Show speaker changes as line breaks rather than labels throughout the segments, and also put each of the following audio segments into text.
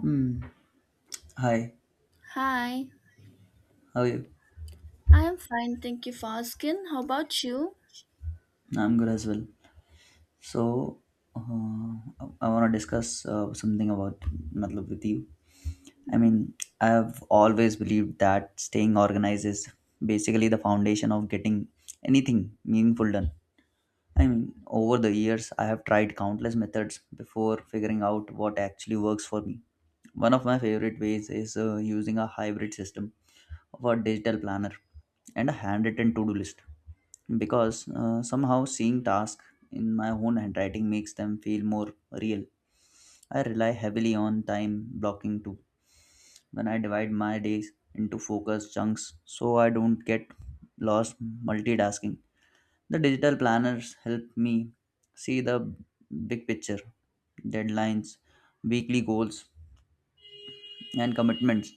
Hmm. Hi,
Hi,
how are you?
I'm fine. Thank you for asking. How about you?
I'm good as well. So, I want to discuss something about matlab with you. I
Mhm.
mean, I have always believed that staying organized is basically the foundation of getting anything meaningful done. Over the years, I have tried countless methods before figuring out what actually works for me. One of my favorite ways is using a hybrid system of a digital planner and a handwritten to do list. Because somehow seeing tasks in my own handwriting makes them feel more real. I rely heavily on time blocking too when I divide my days into focused chunks so I don't get lost multitasking. The digital planners help me see the big picture, deadlines, weekly goals, and commitments,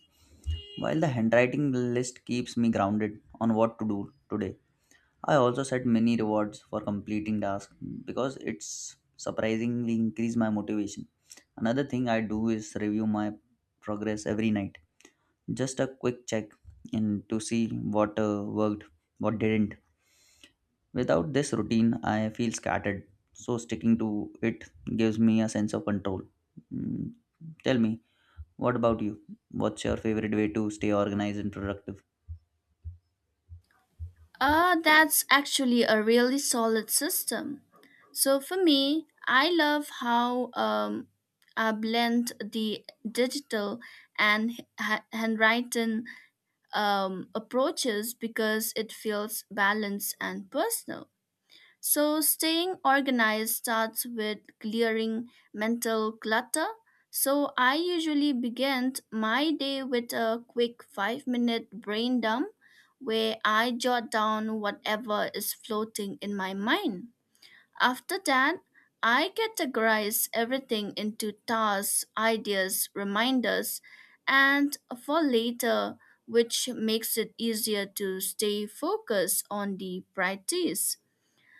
while the handwriting list keeps me grounded on what to do today. I also set many rewards for completing tasks because it's surprisingly increase my motivation. Another thing I do is review my progress every night. Just a quick check in to see what worked, what didn't. Without this routine, I feel scattered. So sticking to it gives me a sense of control. Mm, Tell me, what about you? What's your favorite way to stay organized and productive?
That's actually a really solid system. So for me, I love how I blend the digital and handwritten approaches because it feels balanced and personal. So, staying organized starts with clearing mental clutter. So, I usually begin my day with a quick 5 minute brain dump where I jot down whatever is floating in my mind. After that, I categorize everything into tasks, ideas, reminders, and for later, which makes it easier to stay focused on the priorities.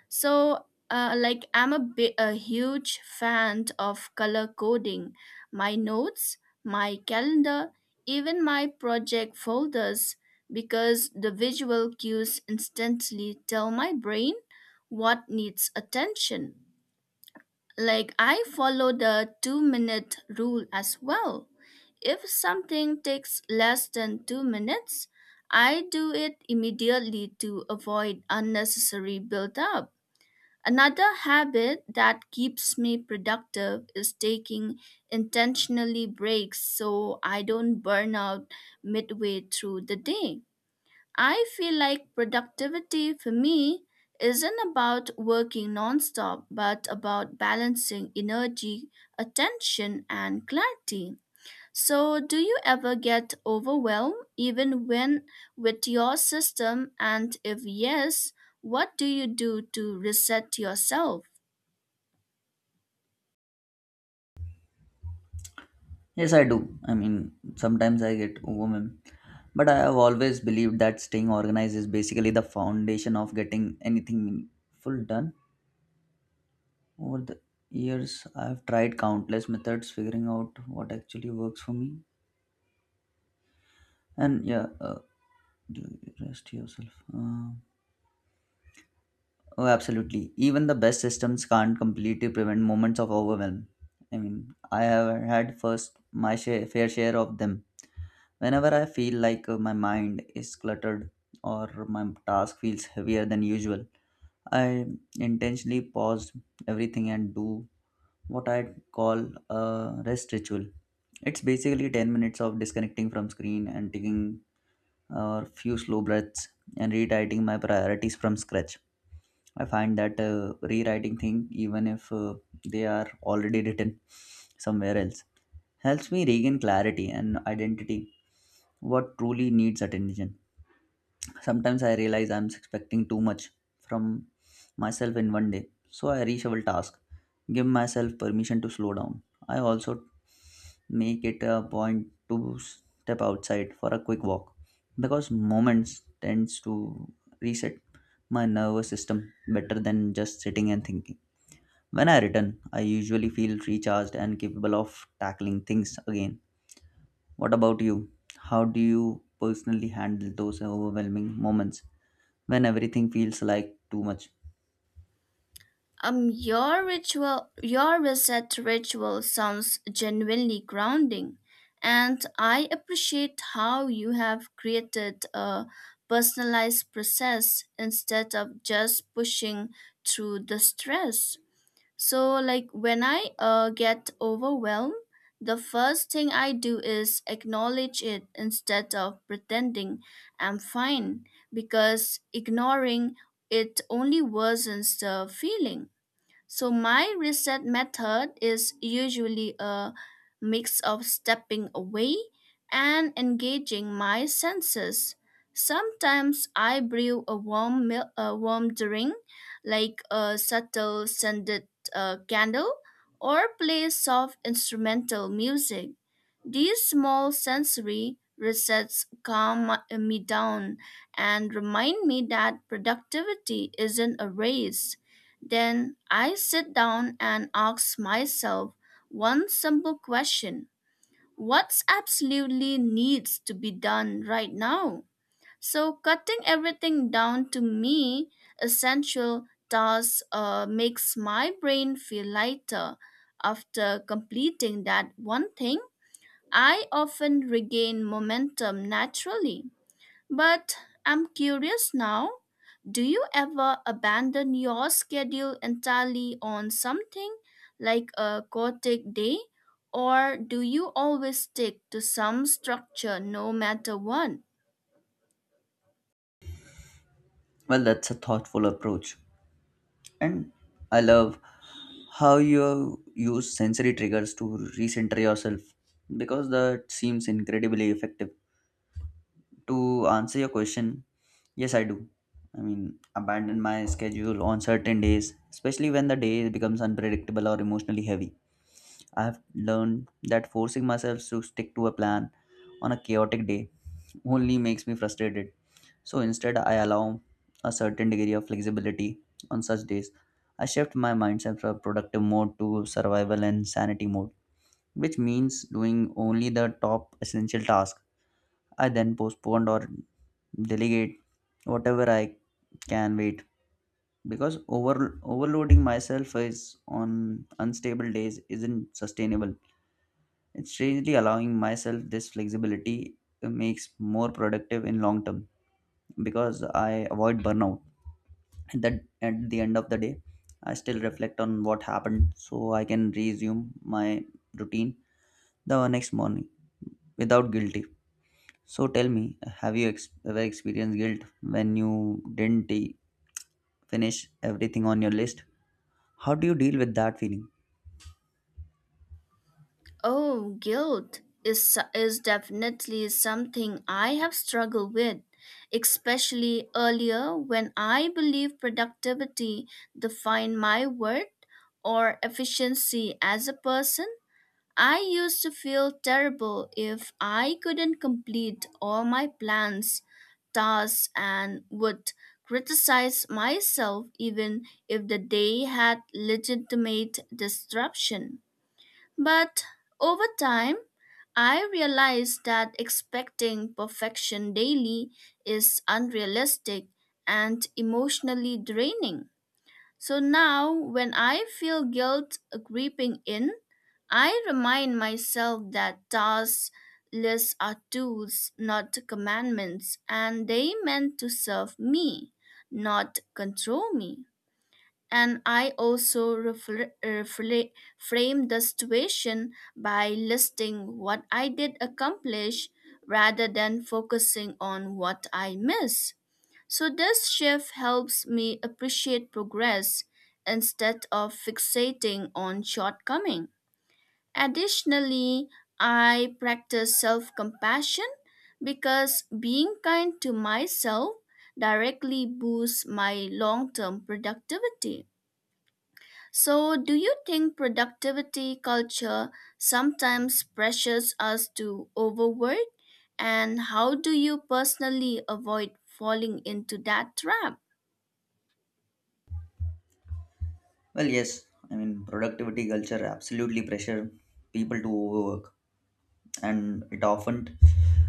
So, I'm a huge fan of color coding. My notes, my calendar, even my project folders, because the visual cues instantly tell my brain what needs attention. Like, I follow the 2 minute rule as well. If something takes less than 2 minutes, I do it immediately to avoid unnecessary build up. Another habit that keeps me productive is taking intentionally breaks so I don't burn out midway through the day. I feel like productivity for me isn't about working nonstop, but about balancing energy, attention, and clarity. So, do you ever get overwhelmed even when with your system? And if yes, what do you do to reset yourself?
Yes, I do. Sometimes I get overwhelmed, but I have always believed that staying organized is basically the foundation of getting anything meaningful done. Over the years, I've tried countless methods figuring out what actually works for me. And yeah, do you rest yourself. Uh, Oh, absolutely. Even the best systems can't completely prevent moments of overwhelm. I have had fair share of them. Whenever I feel like my mind is cluttered or my task feels heavier than usual, I intentionally pause everything and do what I call a rest ritual. It's basically 10 minutes of disconnecting from screen and taking a few slow breaths and rewriting my priorities from scratch. I find that rewriting thing, even if they are already written somewhere else, helps me regain clarity and identity. What truly needs attention. Sometimes I realize I'm expecting too much from myself in one day, so I reshuffle task, give myself permission to slow down. I also make it a point to step outside for a quick walk because moments tends to reset my nervous system better than just sitting and thinking. When I return, I usually feel recharged and capable of tackling things again. What about you? How do you personally handle those overwhelming moments when everything feels like too much?
Your ritual, your reset ritual sounds genuinely grounding, and I appreciate how you have created a personalized process instead of just pushing through the stress. So, like when I get overwhelmed, the first thing I do is acknowledge it instead of pretending I'm fine because ignoring it only worsens the feeling. So my reset method is usually a mix of stepping away and engaging my senses. Sometimes I brew a a warm drink, like a subtle scented candle, or play soft instrumental music. These small sensory resets calm me down and remind me that productivity isn't a race. Then I sit down and ask myself one simple question. What absolutely needs to be done right now? So, cutting everything down to me essential tasks makes my brain feel lighter. After completing that one thing, I often regain momentum naturally. But I'm curious now. Do you ever abandon your schedule entirely on something like a chaotic day, or do you always stick to some structure no matter what?
Well, that's a thoughtful approach. And I love how you use sensory triggers to recenter yourself because that seems incredibly effective. To answer your question, yes, I do. Abandon my schedule on certain days, especially when the day becomes unpredictable or emotionally heavy. I have learned that forcing myself to stick to a plan on a chaotic day only makes me frustrated. So instead, I allow a certain degree of flexibility on such days. I shift my mindset from productive mode to survival and sanity mode, which means doing only the top essential task. I then postponed or delegate whatever I can wait because overloading myself is on unstable days isn't sustainable. It's strangely allowing myself this flexibility makes more productive in long term because I avoid burnout. At the end of the day, I still reflect on what happened so I can resume my routine the next morning without guilt. So tell me, have you ever experienced guilt when you didn't finish everything on your list? How do you deal with that feeling?
Oh, guilt is definitely something I have struggled with, especially earlier when I believe productivity defined my worth or efficiency as a person. I used to feel terrible if I couldn't complete all my plans, tasks, and would criticize myself even if the day had legitimate disruption. But over time, I realized that expecting perfection daily is unrealistic and emotionally draining. So now, when I feel guilt creeping in, I remind myself that tasks lists are tools, not commandments, and they meant to serve me, not control me. And I also frame the situation by listing what I did accomplish rather than focusing on what I miss. So this shift helps me appreciate progress instead of fixating on shortcoming. Additionally, I practice self-compassion because being kind to myself directly boosts my long-term productivity. So, do you think productivity culture sometimes pressures us to overwork? And how do you personally avoid falling into that trap?
Well, yes. Productivity culture absolutely pressure people to overwork, and it often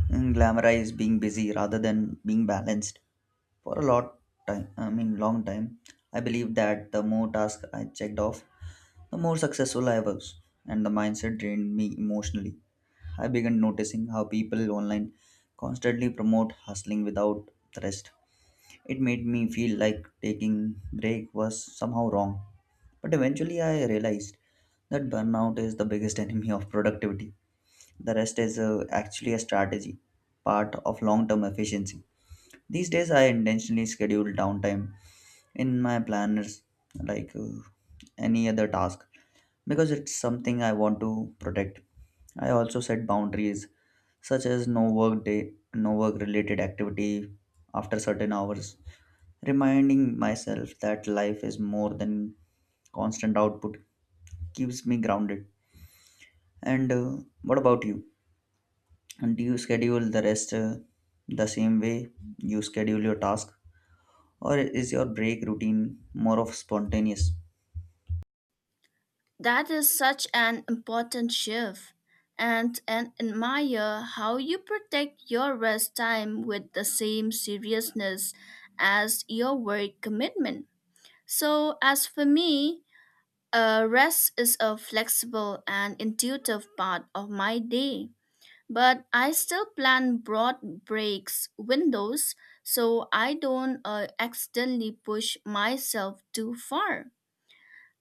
glamorizes being busy rather than being balanced for a lot time. Long time. I believe that the more tasks I checked off, the more successful I was, and the mindset drained me emotionally. I began noticing how people online constantly promote hustling without rest. It made me feel like taking break was somehow wrong. But eventually I realized that burnout is the biggest enemy of productivity. The rest is actually a strategy, part of long-term efficiency. These days I intentionally schedule downtime in my planners like any other task because it's something I want to protect. I also set boundaries such as no work related activity after certain hours, reminding myself that life is more than constant output, keeps me grounded and, what about you, and do you schedule the rest, the same way you schedule your task, or is your break routine more of spontaneous?
That is such an important shift. And admire how you protect your rest time with the same seriousness as your work commitment. So, as for me, rest is a flexible and intuitive part of my day. But I still plan broad breaks windows so I don't accidentally push myself too far.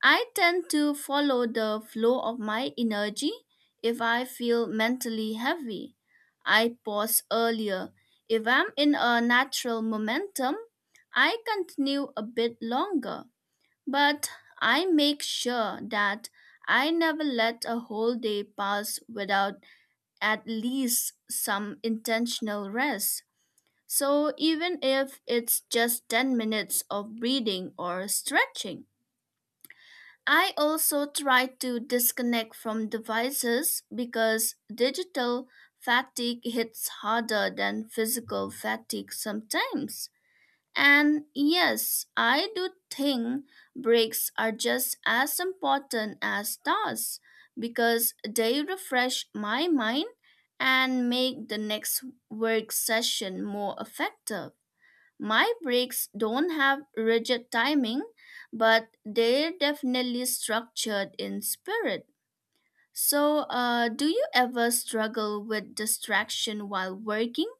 I tend to follow the flow of my energy if I feel mentally heavy. I pause earlier. If I'm in a natural momentum, I continue a bit longer. But I make sure that I never let a whole day pass without at least some intentional rest. So even if it's just 10 minutes of breathing or stretching, I also try to disconnect from devices because digital fatigue hits harder than physical fatigue sometimes. And yes, I do think breaks are just as important as tasks because they refresh my mind and make the next work session more effective. My breaks don't have rigid timing, but they're definitely structured in spirit. So, do you ever struggle with distraction while working?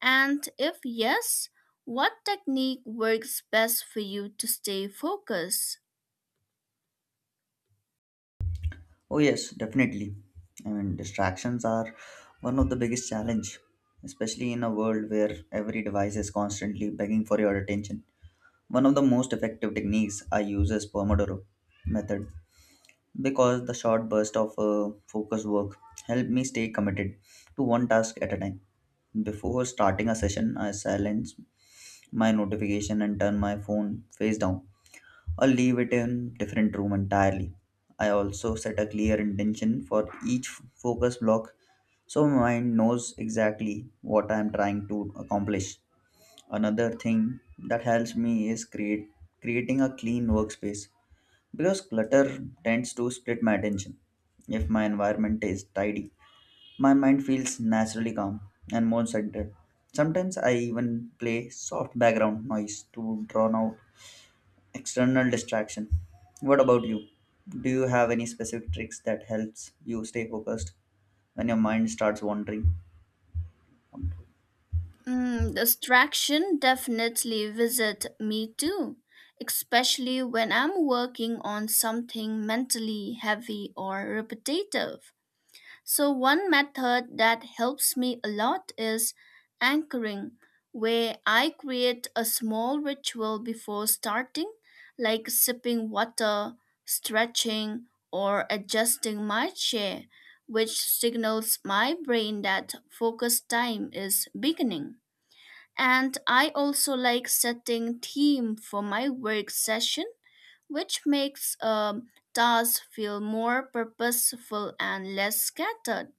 And if yes, what technique works best for you to stay focused?
Oh yes, definitely. Distractions are one of the biggest challenge, especially in a world where every device is constantly begging for your attention. One of the most effective techniques I use is Pomodoro method because the short burst of focus work help me stay committed to one task at a time. Before starting a session, I silence my notification and turn my phone face down or leave it in different room entirely. I also set a clear intention for each focus block so my mind knows exactly what I am trying to accomplish. Another thing that helps me is create creating a clean workspace because clutter tends to split my attention. If my environment is tidy, my mind feels naturally calm and more centered. Sometimes I even play soft background noise to drown out external distraction. What about you? Do you have any specific tricks that helps you stay focused when your mind starts wandering?
Distraction definitely visit me too, especially when I'm working on something mentally heavy or repetitive. So, one method that helps me a lot is anchoring, where I create a small ritual before starting, like sipping water, stretching, or adjusting my chair, which signals my brain that focus time is beginning. And I also like setting theme for my work session, which makes tasks feel more purposeful and less scattered.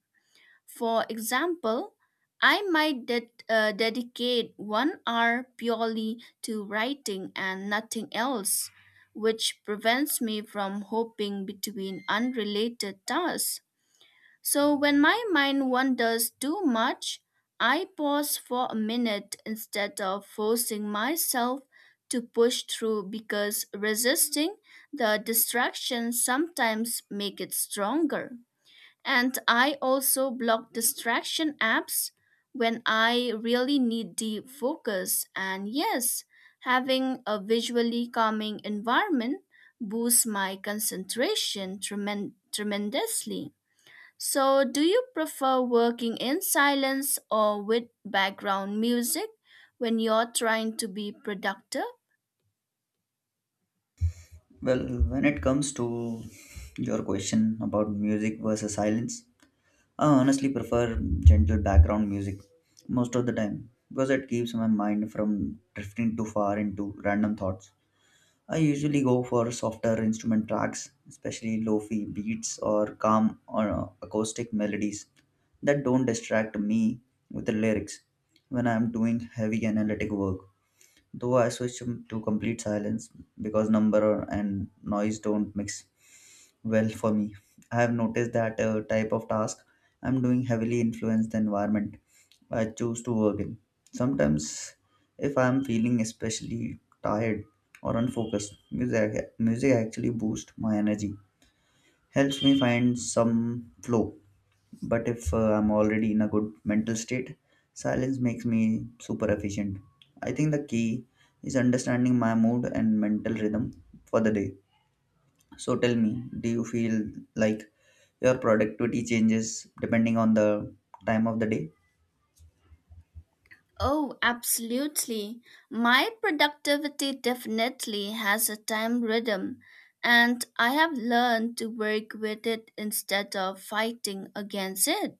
For example, I might dedicate one hour purely to writing and nothing else, which prevents me from hopping between unrelated tasks. So when my mind wanders too much, I pause for a minute instead of forcing myself to push through because resisting the distraction sometimes make it stronger. And I also block distraction apps when I really need deep focus. And yes, having a visually calming environment boosts my concentration tremendously. So, do you prefer working in silence or with background music when you're trying to be productive?
Well, when it comes to your question about music versus silence, I honestly prefer gentle background music most of the time because it keeps my mind from drifting too far into random thoughts. I usually go for softer instrument tracks, especially lo-fi beats or calm or acoustic melodies that don't distract me with the lyrics when I am doing heavy analytic work. Though I switch to complete silence because number and noise don't mix well for me. I have noticed that type of task I'm doing heavily influence the environment I choose to work in. Sometimes, if I'm feeling especially tired or unfocused, music actually boosts my energy, helps me find some flow. But if I'm already in a good mental state, silence makes me super efficient. I think the key is understanding my mood and mental rhythm for the day. So tell me, do you feel like your productivity changes depending on the time of the day?
Oh, absolutely. My productivity definitely has a time rhythm, and I have learned to work with it instead of fighting against it.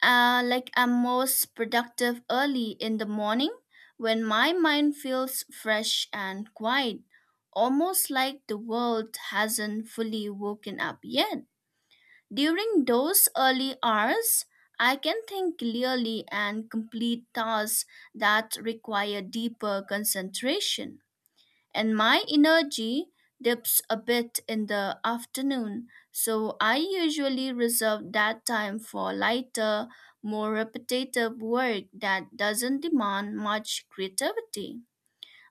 Like I'm most productive early in the morning when my mind feels fresh and quiet, almost like the world hasn't fully woken up yet. During those early hours, I can think clearly and complete tasks that require deeper concentration. And my energy dips a bit in the afternoon, so I usually reserve that time for lighter, more repetitive work that doesn't demand much creativity.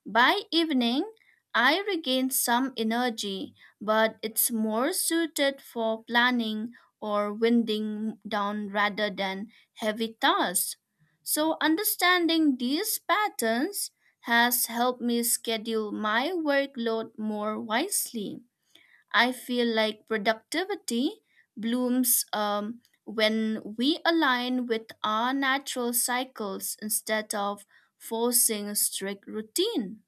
By evening, I regain some energy, but it's more suited for planning or winding down rather than heavy tasks. So, understanding these patterns has helped me schedule my workload more wisely. I feel like productivity blooms when we align with our natural cycles instead of forcing a strict routine.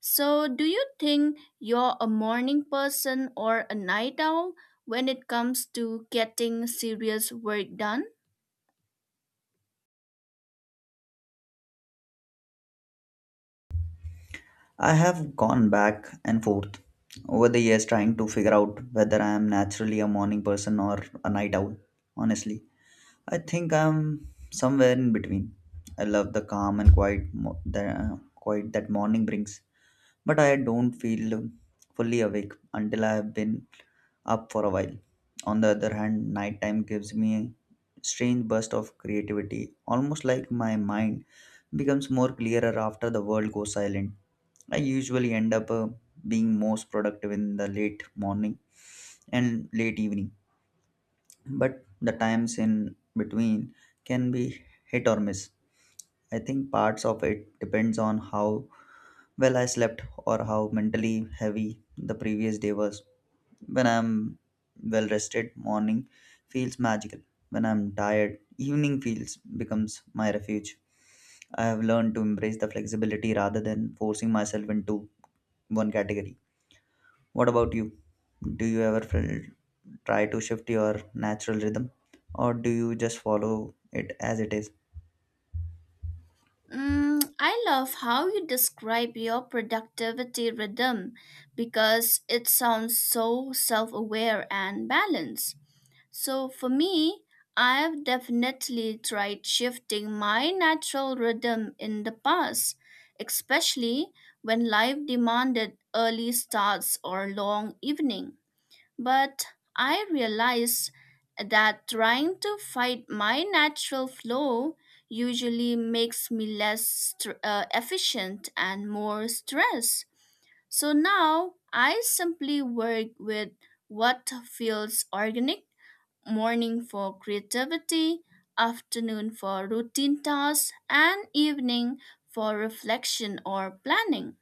So, do you think you're a morning person or a night owl when it comes to getting serious work done?
I have gone back and forth over the years trying to figure out whether I am naturally a morning person or a night owl. Honestly, I think I'm somewhere in between. I love the calm and quiet, mo- the quiet that morning brings, but I don't feel fully awake until I have been up for a while. On the other hand, nighttime gives me a strange burst of creativity, almost like my mind becomes more clearer after the world goes silent. I usually end up being most productive in the late morning and late evening, but the times in between can be hit or miss. I think parts of it depends on how well I slept or how mentally heavy the previous day was. When I'm well rested, morning feels magical. When I'm tired, evening feels becomes my refuge. I have learned to embrace the flexibility rather than forcing myself into one category. What about you? Do you ever feel, try to shift your natural rhythm or do you just follow it as it is?
I love how you describe your productivity rhythm because it sounds so self aware and balanced. So, for me, I've definitely tried shifting my natural rhythm in the past, especially when life demanded early starts or long evening. But I realize that trying to fight my natural flow usually makes me less efficient and more stressed. So now I simply work with what feels organic morning for creativity, afternoon for routine tasks, and evening for reflection or planning.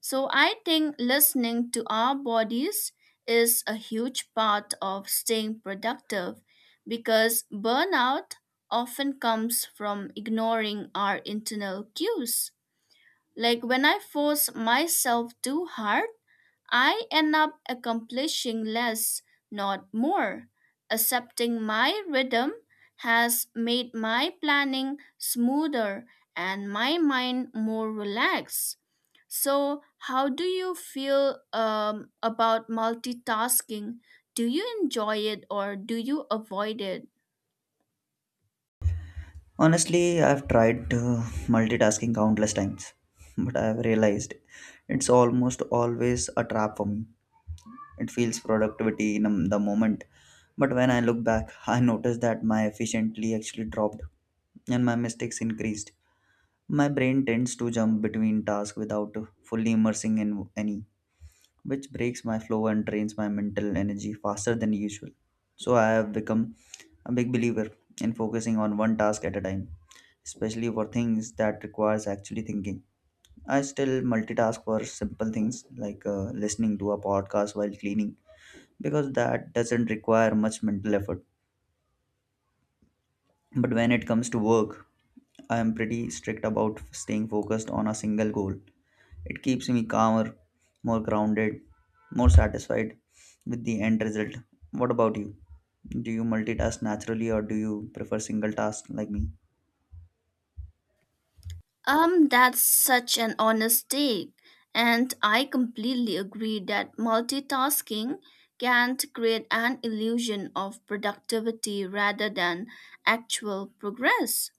So I think listening to our bodies is a huge part of staying productive because burnout often comes from ignoring our internal cues. Like when I force myself too hard, I end up accomplishing less, not more. Accepting my rhythm has made my planning smoother and my mind more relaxed. So, how do you feel about multitasking? Do you enjoy it or do you avoid it?
Honestly, I've tried multitasking countless times, but I've realized it's almost always a trap for me. It feels productivity in the moment, but when I look back I notice that my efficiently actually dropped and my mistakes increased. My brain tends to jump between tasks without fully immersing in any, which breaks my flow and drains my mental energy faster than usual. So I have become a big believer in focusing on one task at a time, especially for things that requires actually thinking. I still multitask for simple things like listening to a podcast while cleaning because that doesn't require much mental effort. But when it comes to work, I am pretty strict about staying focused on a single goal. It keeps me calmer, more grounded, more satisfied with the end result. What about you? Do you multitask naturally or do you prefer single task like me?
That's such an honest take. And I completely agree that multitasking can create an illusion of productivity rather than actual progress.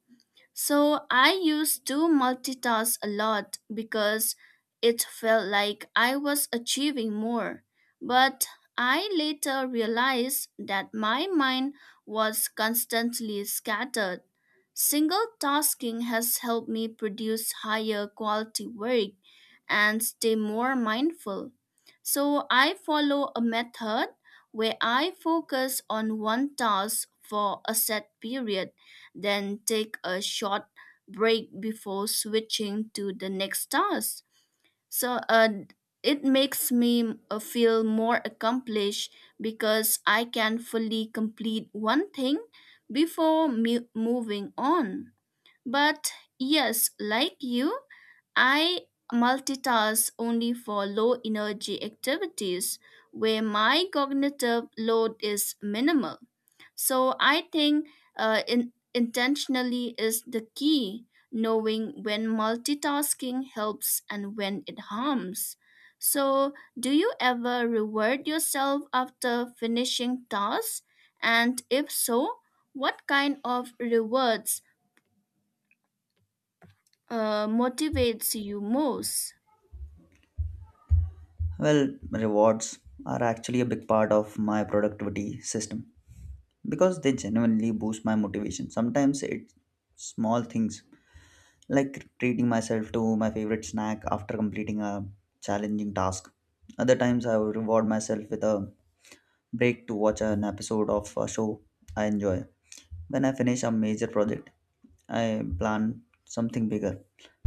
So I used to multitask a lot because it felt like I was achieving more. But I later realized that my mind was constantly scattered. Single tasking has helped me produce higher quality work and stay more mindful. So I follow a method where I focus on one task for a set period, then take a short break before switching to the next task. So it makes me feel more accomplished because I can fully complete one thing before moving on. But yes, like you, I multitask only for low energy activities where my cognitive load is minimal. So I think intentionally is the key, knowing when multitasking helps and when it harms. So, do you ever reward yourself after finishing tasks? And if so, what kind of rewards motivates you most?
Well, rewards are actually a big part of my productivity system because they genuinely boost my motivation. Sometimes it's small things like treating myself to my favorite snack after completing a challenging task. Other times, I will reward myself with a break to watch an episode of a show I enjoy. When I finish a major project, I plan something bigger,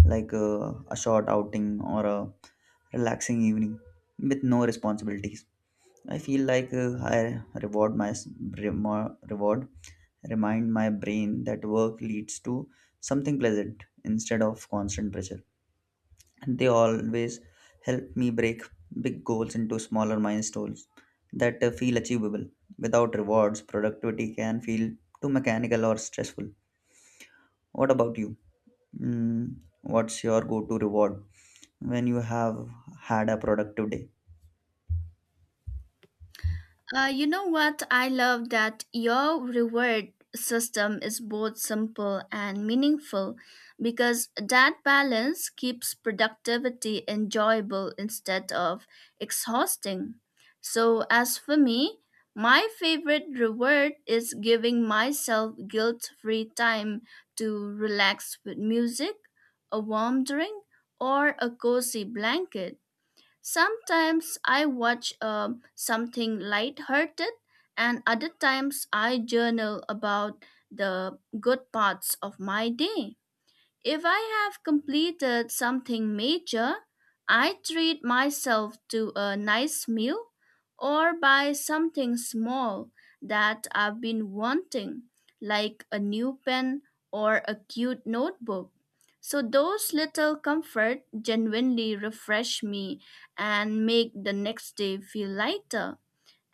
like a short outing or a relaxing evening with no responsibilities. I feel like I reward my remo- reward remind my brain that work leads to something pleasant instead of constant pressure. They always help me break big goals into smaller milestones that feel achievable. Without rewards, productivity can feel too mechanical or stressful. What about you? Mm, what's your go to reward when you have had a productive day?
You know what? I love that your reward system is both simple and meaningful because that balance keeps productivity enjoyable instead of exhausting. So, as for me, my favorite reward is giving myself guilt free time to relax with music, a warm drink, or a cozy blanket. Sometimes I watch something lighthearted, and other times I journal about the good parts of my day. If I have completed something major, I treat myself to a nice meal or buy something small that I've been wanting, like a new pen or a cute notebook. So those little comfort genuinely refresh me and make the next day feel lighter.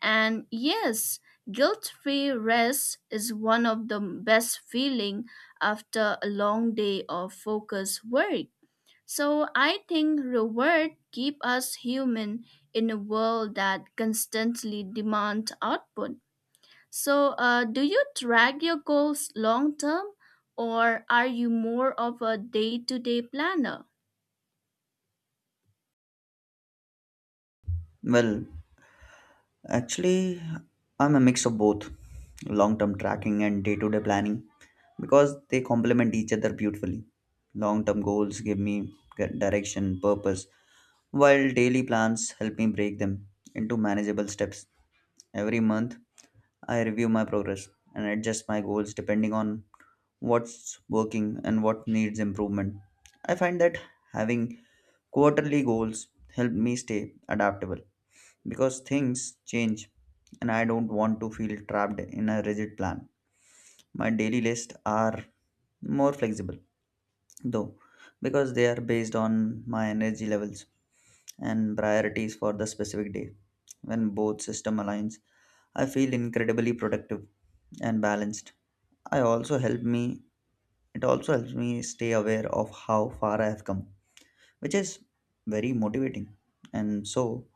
And yes, guilt-free rest is one of the best feeling after a long day of focused work. So I think reward keep us human in a world that constantly demand output. So do you track your goals long term or are you more of a day-to-day planner?
Well, actually, I'm a mix of both long term tracking and day to day planning because they complement each other beautifully. Long term goals give me direction, purpose, while daily plans help me break them into manageable steps. Every month, I review my progress and adjust my goals depending on what's working and what needs improvement. I find that having quarterly goals help me stay adaptable because things change and I don't want to feel trapped in a rigid plan. My daily lists are more flexible though because they are based on my energy levels and priorities for the specific day. When both system aligns, I feel incredibly productive and balanced. I also help me It also helps me stay aware of how far I have come, which is very motivating. And so,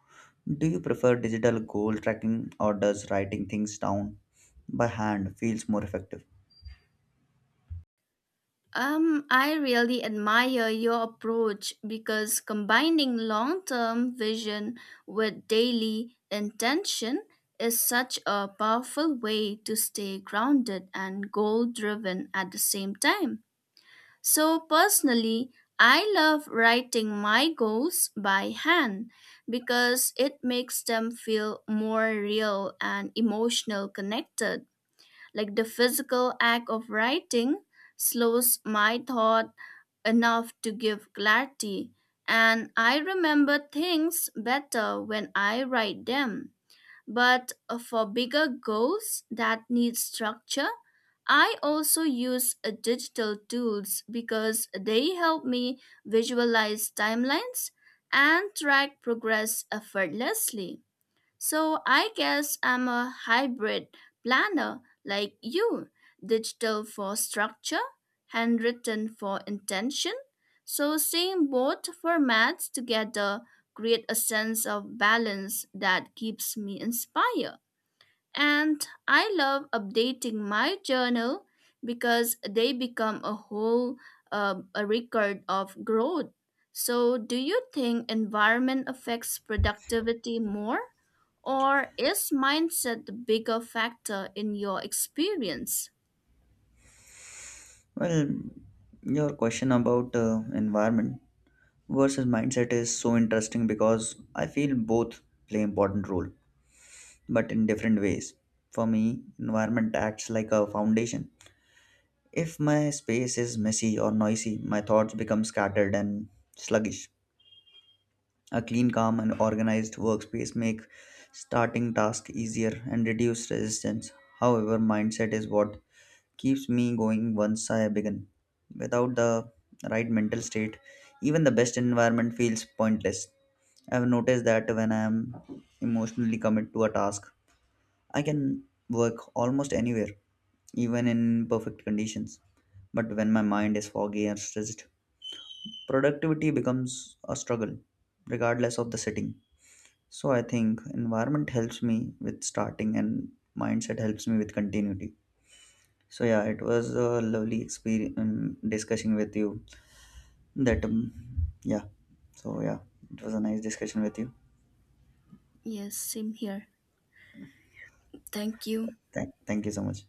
do you prefer digital goal tracking or does writing things down by hand feels more effective?
I really admire your approach because combining long term vision with daily intention is such a powerful way to stay grounded and goal driven at the same time. So, personally, I love writing my goals by hand because it makes them feel more real and emotional connected. Like the physical act of writing slows my thought enough to give clarity, and I remember things better when I write them. But for bigger goals that need structure, I also use digital tools because they help me visualize timelines and track progress effortlessly. So I guess I'm a hybrid planner like you digital for structure, handwritten for intention. So seeing both formats together create a sense of balance that keeps me inspired. And I love updating my journal because they become a whole a record of growth. So do you think environment affects productivity more? Or is mindset the bigger factor in your experience?
Well, your question about environment versus mindset is so interesting because I feel both play important role but in different ways. For me, environment acts like a foundation. If my space is messy or noisy, my thoughts become scattered and sluggish. A clean, calm, and organized workspace make starting tasks easier and reduce resistance. However, mindset is what keeps me going once I begin. Without the right mental state, even the best environment feels pointless. I've noticed that when I am emotionally committed to a task, I can work almost anywhere, even in perfect conditions. But when my mind is foggy and stressed, productivity becomes a struggle, regardless of the setting. So I think environment helps me with starting and mindset helps me with continuity. So yeah, it was a lovely experience discussing with you. That yeah. So yeah, it was a nice discussion with you.
Yes, same here. Thank you.
Thank you so much.